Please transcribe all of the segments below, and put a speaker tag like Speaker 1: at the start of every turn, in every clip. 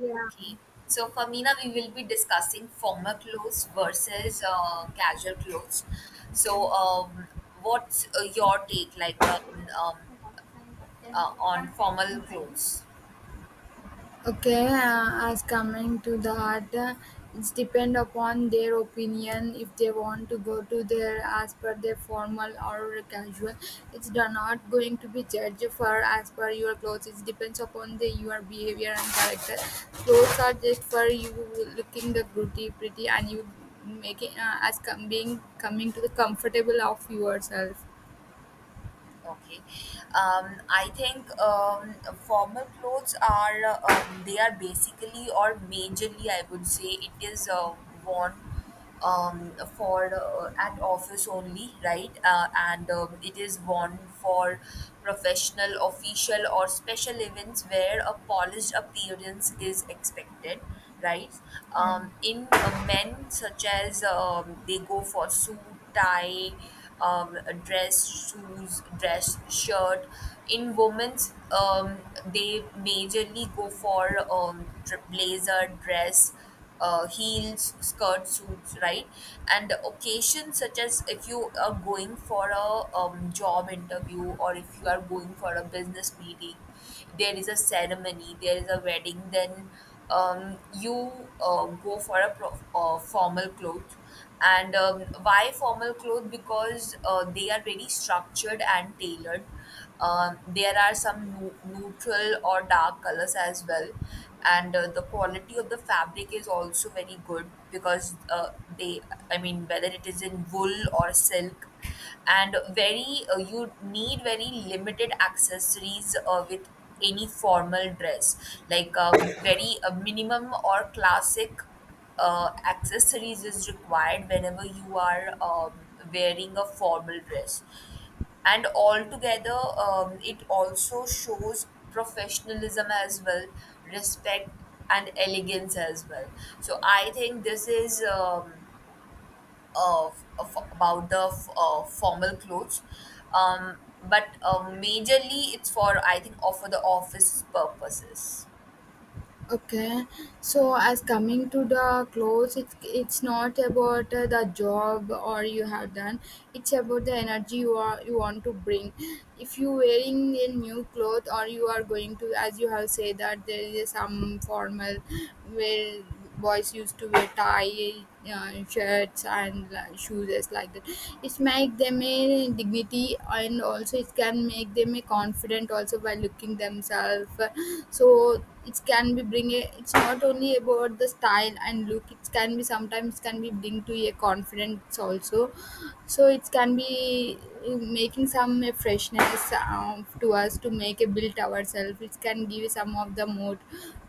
Speaker 1: Yeah.
Speaker 2: Okay. So, Famina, we will be discussing formal clothes versus casual clothes.
Speaker 1: Okay.
Speaker 2: So, um, what's your take um, on formal clothes?
Speaker 1: Okay, as coming to the art, it's depend upon their opinion if they want to go to their as per their formal or casual. It's not going to be judged for as per your clothes. It depends upon the your behavior and character. Clothes are just for you looking the pretty, pretty, and you making as being coming to the comfortable of yourself.
Speaker 2: Okay. I think formal clothes are they are basically or majorly I would say it is worn for at office only, right? And it is worn for professional, official, or special events where a polished appearance is expected, right?
Speaker 1: Yeah.
Speaker 2: In men, such as they go for suit, tie, um, dress, shoes, dress, shirt. In women's, they majorly go for blazer, dress heels, skirt suits, right? And occasions such as if you are going for a job interview or if you are going for a business meeting, there is a ceremony, there is a wedding, then you go for formal clothes. And why formal clothes? Because they are very structured and tailored. There are some neutral or dark colors as well. And the quality of the fabric is also very good because they, I mean, whether it is in wool or silk, and very you need very limited accessories with any formal dress like very minimum or classic accessories is required whenever you are wearing a formal dress. And altogether, it also shows professionalism as well, respect, and elegance as well. So I think this is about the formal clothes. Um, but majorly, it's for, I think, or for the office purposes.
Speaker 1: Okay, so as coming to the clothes, it's not about the job or you have done. It's about the energy you want to bring. If you wearing a new cloth or you are going to, as you have said that there is some formal where boys used to wear tie shirts and like, shoes is like that, it make them a dignity and also it can make them a confident also by looking themselves. So it can be bring a, it's not only about the style and look, it can be sometimes can be bring to a confidence also. So it can be making some freshness to us to make a build ourselves. It can give some of the more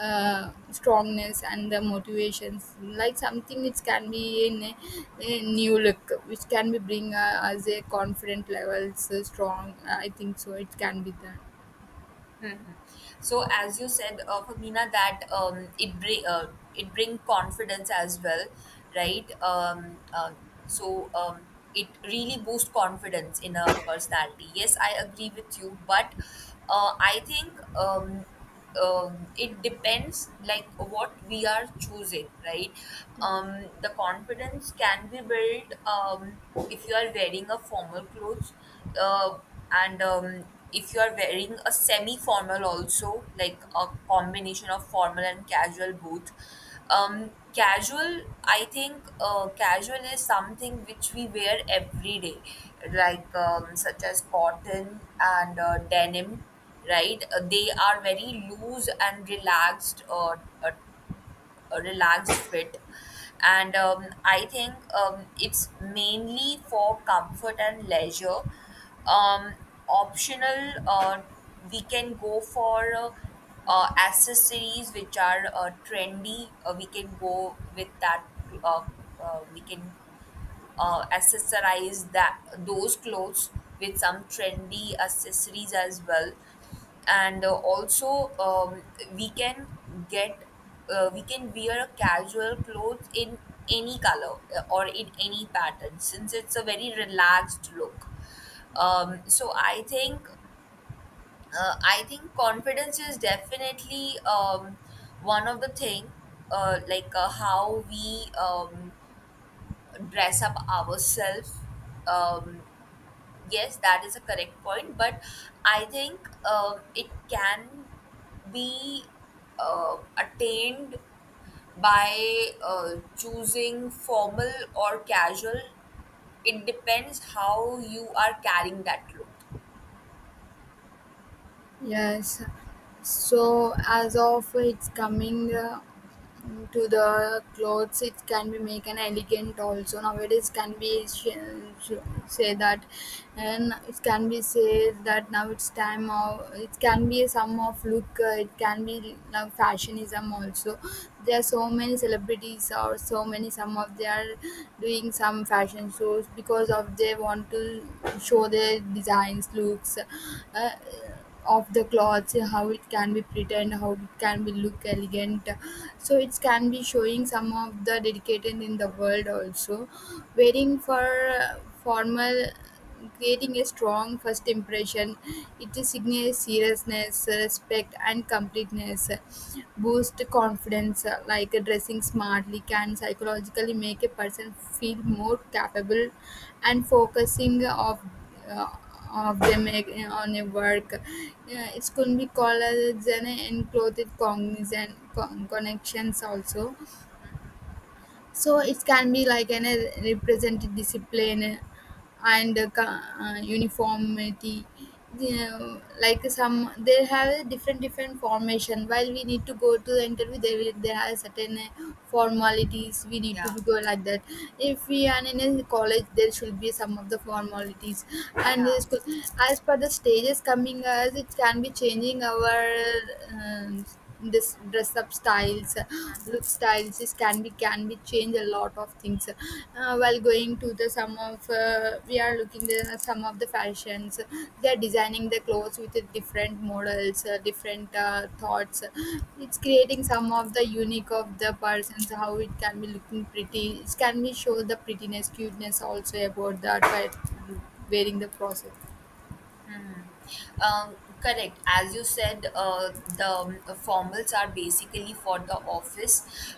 Speaker 1: strongness and the motivations like something. It can be in a new look which can be bring us a confident levels strong, I think so it can be that.
Speaker 2: Mhm. So as you said, Femina, that it bring confidence as well, right? So um, it really boosts confidence in a personality. Yes, I agree with you, but I think. It depends like what we are choosing, right? The confidence can be built if you are wearing a formal clothes uh, and if you are wearing a semi formal also, like a combination of formal and casual both. um, Casual, I think casual is something which we wear every day, like such as cotton and denim, right? They are very loose and relaxed, a, a relaxed fit, and I think it's mainly for comfort and leisure. Um, optional, we can go for accessories which are trendy. We can go with that. Uh, we can accessorize that those clothes with some trendy accessories as well. And also we can get we can wear a casual clothes in any color or in any pattern, since it's a very relaxed look. So I think I think confidence is definitely one of the thing, how we dress up ourselves. um, yes, that is a correct point, but I think it can be attained by choosing formal or casual. It depends how you are carrying that cloth.
Speaker 1: Yes. So as of it's coming to the clothes, it can be make an elegant also. Nowadays can be say that, and it can be say that now it's time of it can be some of look. It can be now fashionism also. There are so many celebrities or so many some of they are doing some fashion shows because of they want to show their designs looks. Of the clothes how it can be pretend, how it can be look elegant, so it can be showing some of the dedicated in the world also, wearing for formal, creating a strong first impression. It is signals seriousness, respect and completeness, boost confidence, like dressing smartly can psychologically make a person feel more capable and focusing uh, of them on a work. Yeah, it could be called as an enclosed cognizant connections also. So it can be like an represented discipline and uniformity. You like some they have different different formation while we need to go to the interview, they will they have certain formalities we need to
Speaker 2: Yeah,
Speaker 1: be go like that. If we are in a college there should be some of the formalities, and
Speaker 2: yeah.
Speaker 1: as per the stages coming as it can be changing our um, this dress up styles look styles is can be change a lot of things while going to the some of we are looking at some of the fashions. They are designing the clothes with different models, different thoughts. It's creating some of the unique of the persons how it can be looking pretty, it can be show the prettiness cuteness also about that by wearing the process.
Speaker 2: Mhm. Um, correct. As you said, the formals are basically for the office.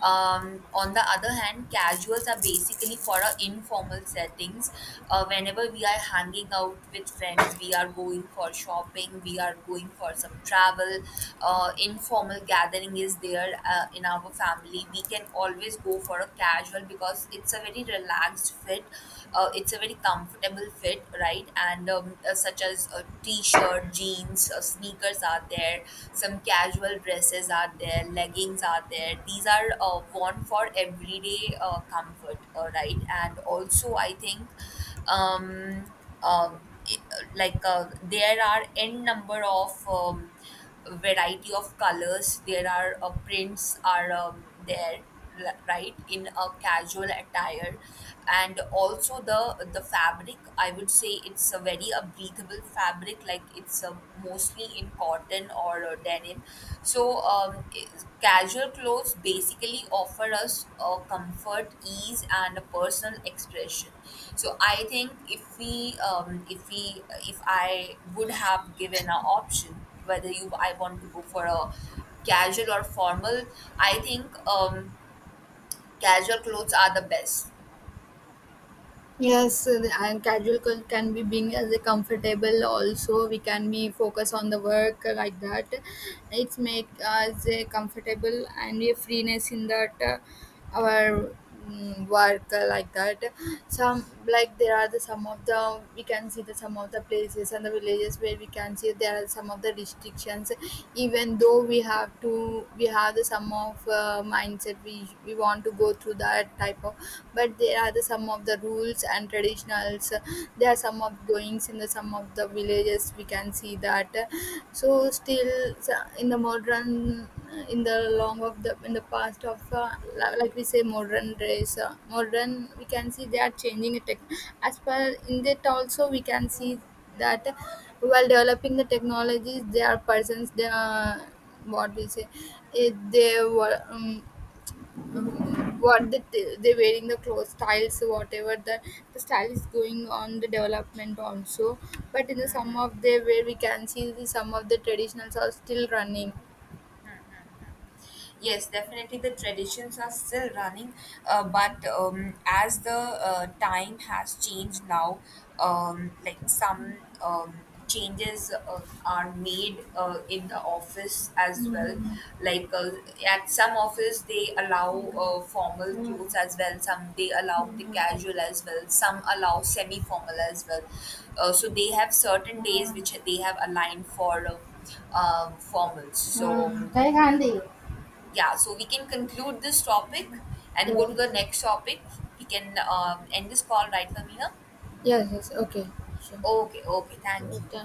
Speaker 2: On the other hand, casuals are basically for our informal settings. Whenever we are hanging out with friends, we are going for shopping, we are going for some travel. Informal gathering is there in our family, we can always go for a casual because it's a very relaxed fit. It's a very comfortable fit, right? And such as a t-shirt, jeans, sneakers are there. Some casual dresses are there. Leggings are there. These are worn for everyday comfort, right? And also, I think. Um, like there are n number of variety of colors, there are prints are there, right, in a casual attire. And also the fabric, I would say it's a very a breathable fabric, like it's mostly in cotton or denim. so, um, i- Casual clothes basically offer us comfort, ease, and a personal expression. So, I think if we, if I would have given an option whether you, I want to go for a casual or formal, I think casual clothes are the best.
Speaker 1: Yes, and casual can be being as a comfortable. Also, we can be focus on the work like that. It's make us a comfortable and a freeness in that our work like that. Some like there are the some of the we can see the some of the places and the villages where we can see there are some of the restrictions. Even though we have to, we have the some of mindset we want to go through that type type of, but there are the some of the rules and traditionals. There are some of goings in the some of the villages we can see that, so still, in the modern, in the long of the in the past of like we say modern race, modern we can see they are changing it, as per in that also we can see that while developing the technologies there are persons they are what we say, eh, they were um, what they're wearing the clothes styles whatever the style is going on the development also. But in the some of the where we can see the some of the traditionals are still running.
Speaker 2: Yes, definitely the traditions are still running, but as the time has changed now, like some um, changes are made in the office as well.
Speaker 1: Mhm.
Speaker 2: Like at some office, they allow
Speaker 1: Mhm.
Speaker 2: formal clothes as well, some they allow the
Speaker 1: Mhm.
Speaker 2: casual as well, some allow semi formal as well. So they have certain days
Speaker 1: Mhm.
Speaker 2: which they have aligned for. Formals. So
Speaker 1: Mhm. Very handy.
Speaker 2: yeah, so we can conclude this topic and go to the
Speaker 1: Yes,
Speaker 2: next topic. We can end this call right from here.
Speaker 1: yes, yes, okay, sure.
Speaker 2: Okay, okay, thank you.
Speaker 1: Okay.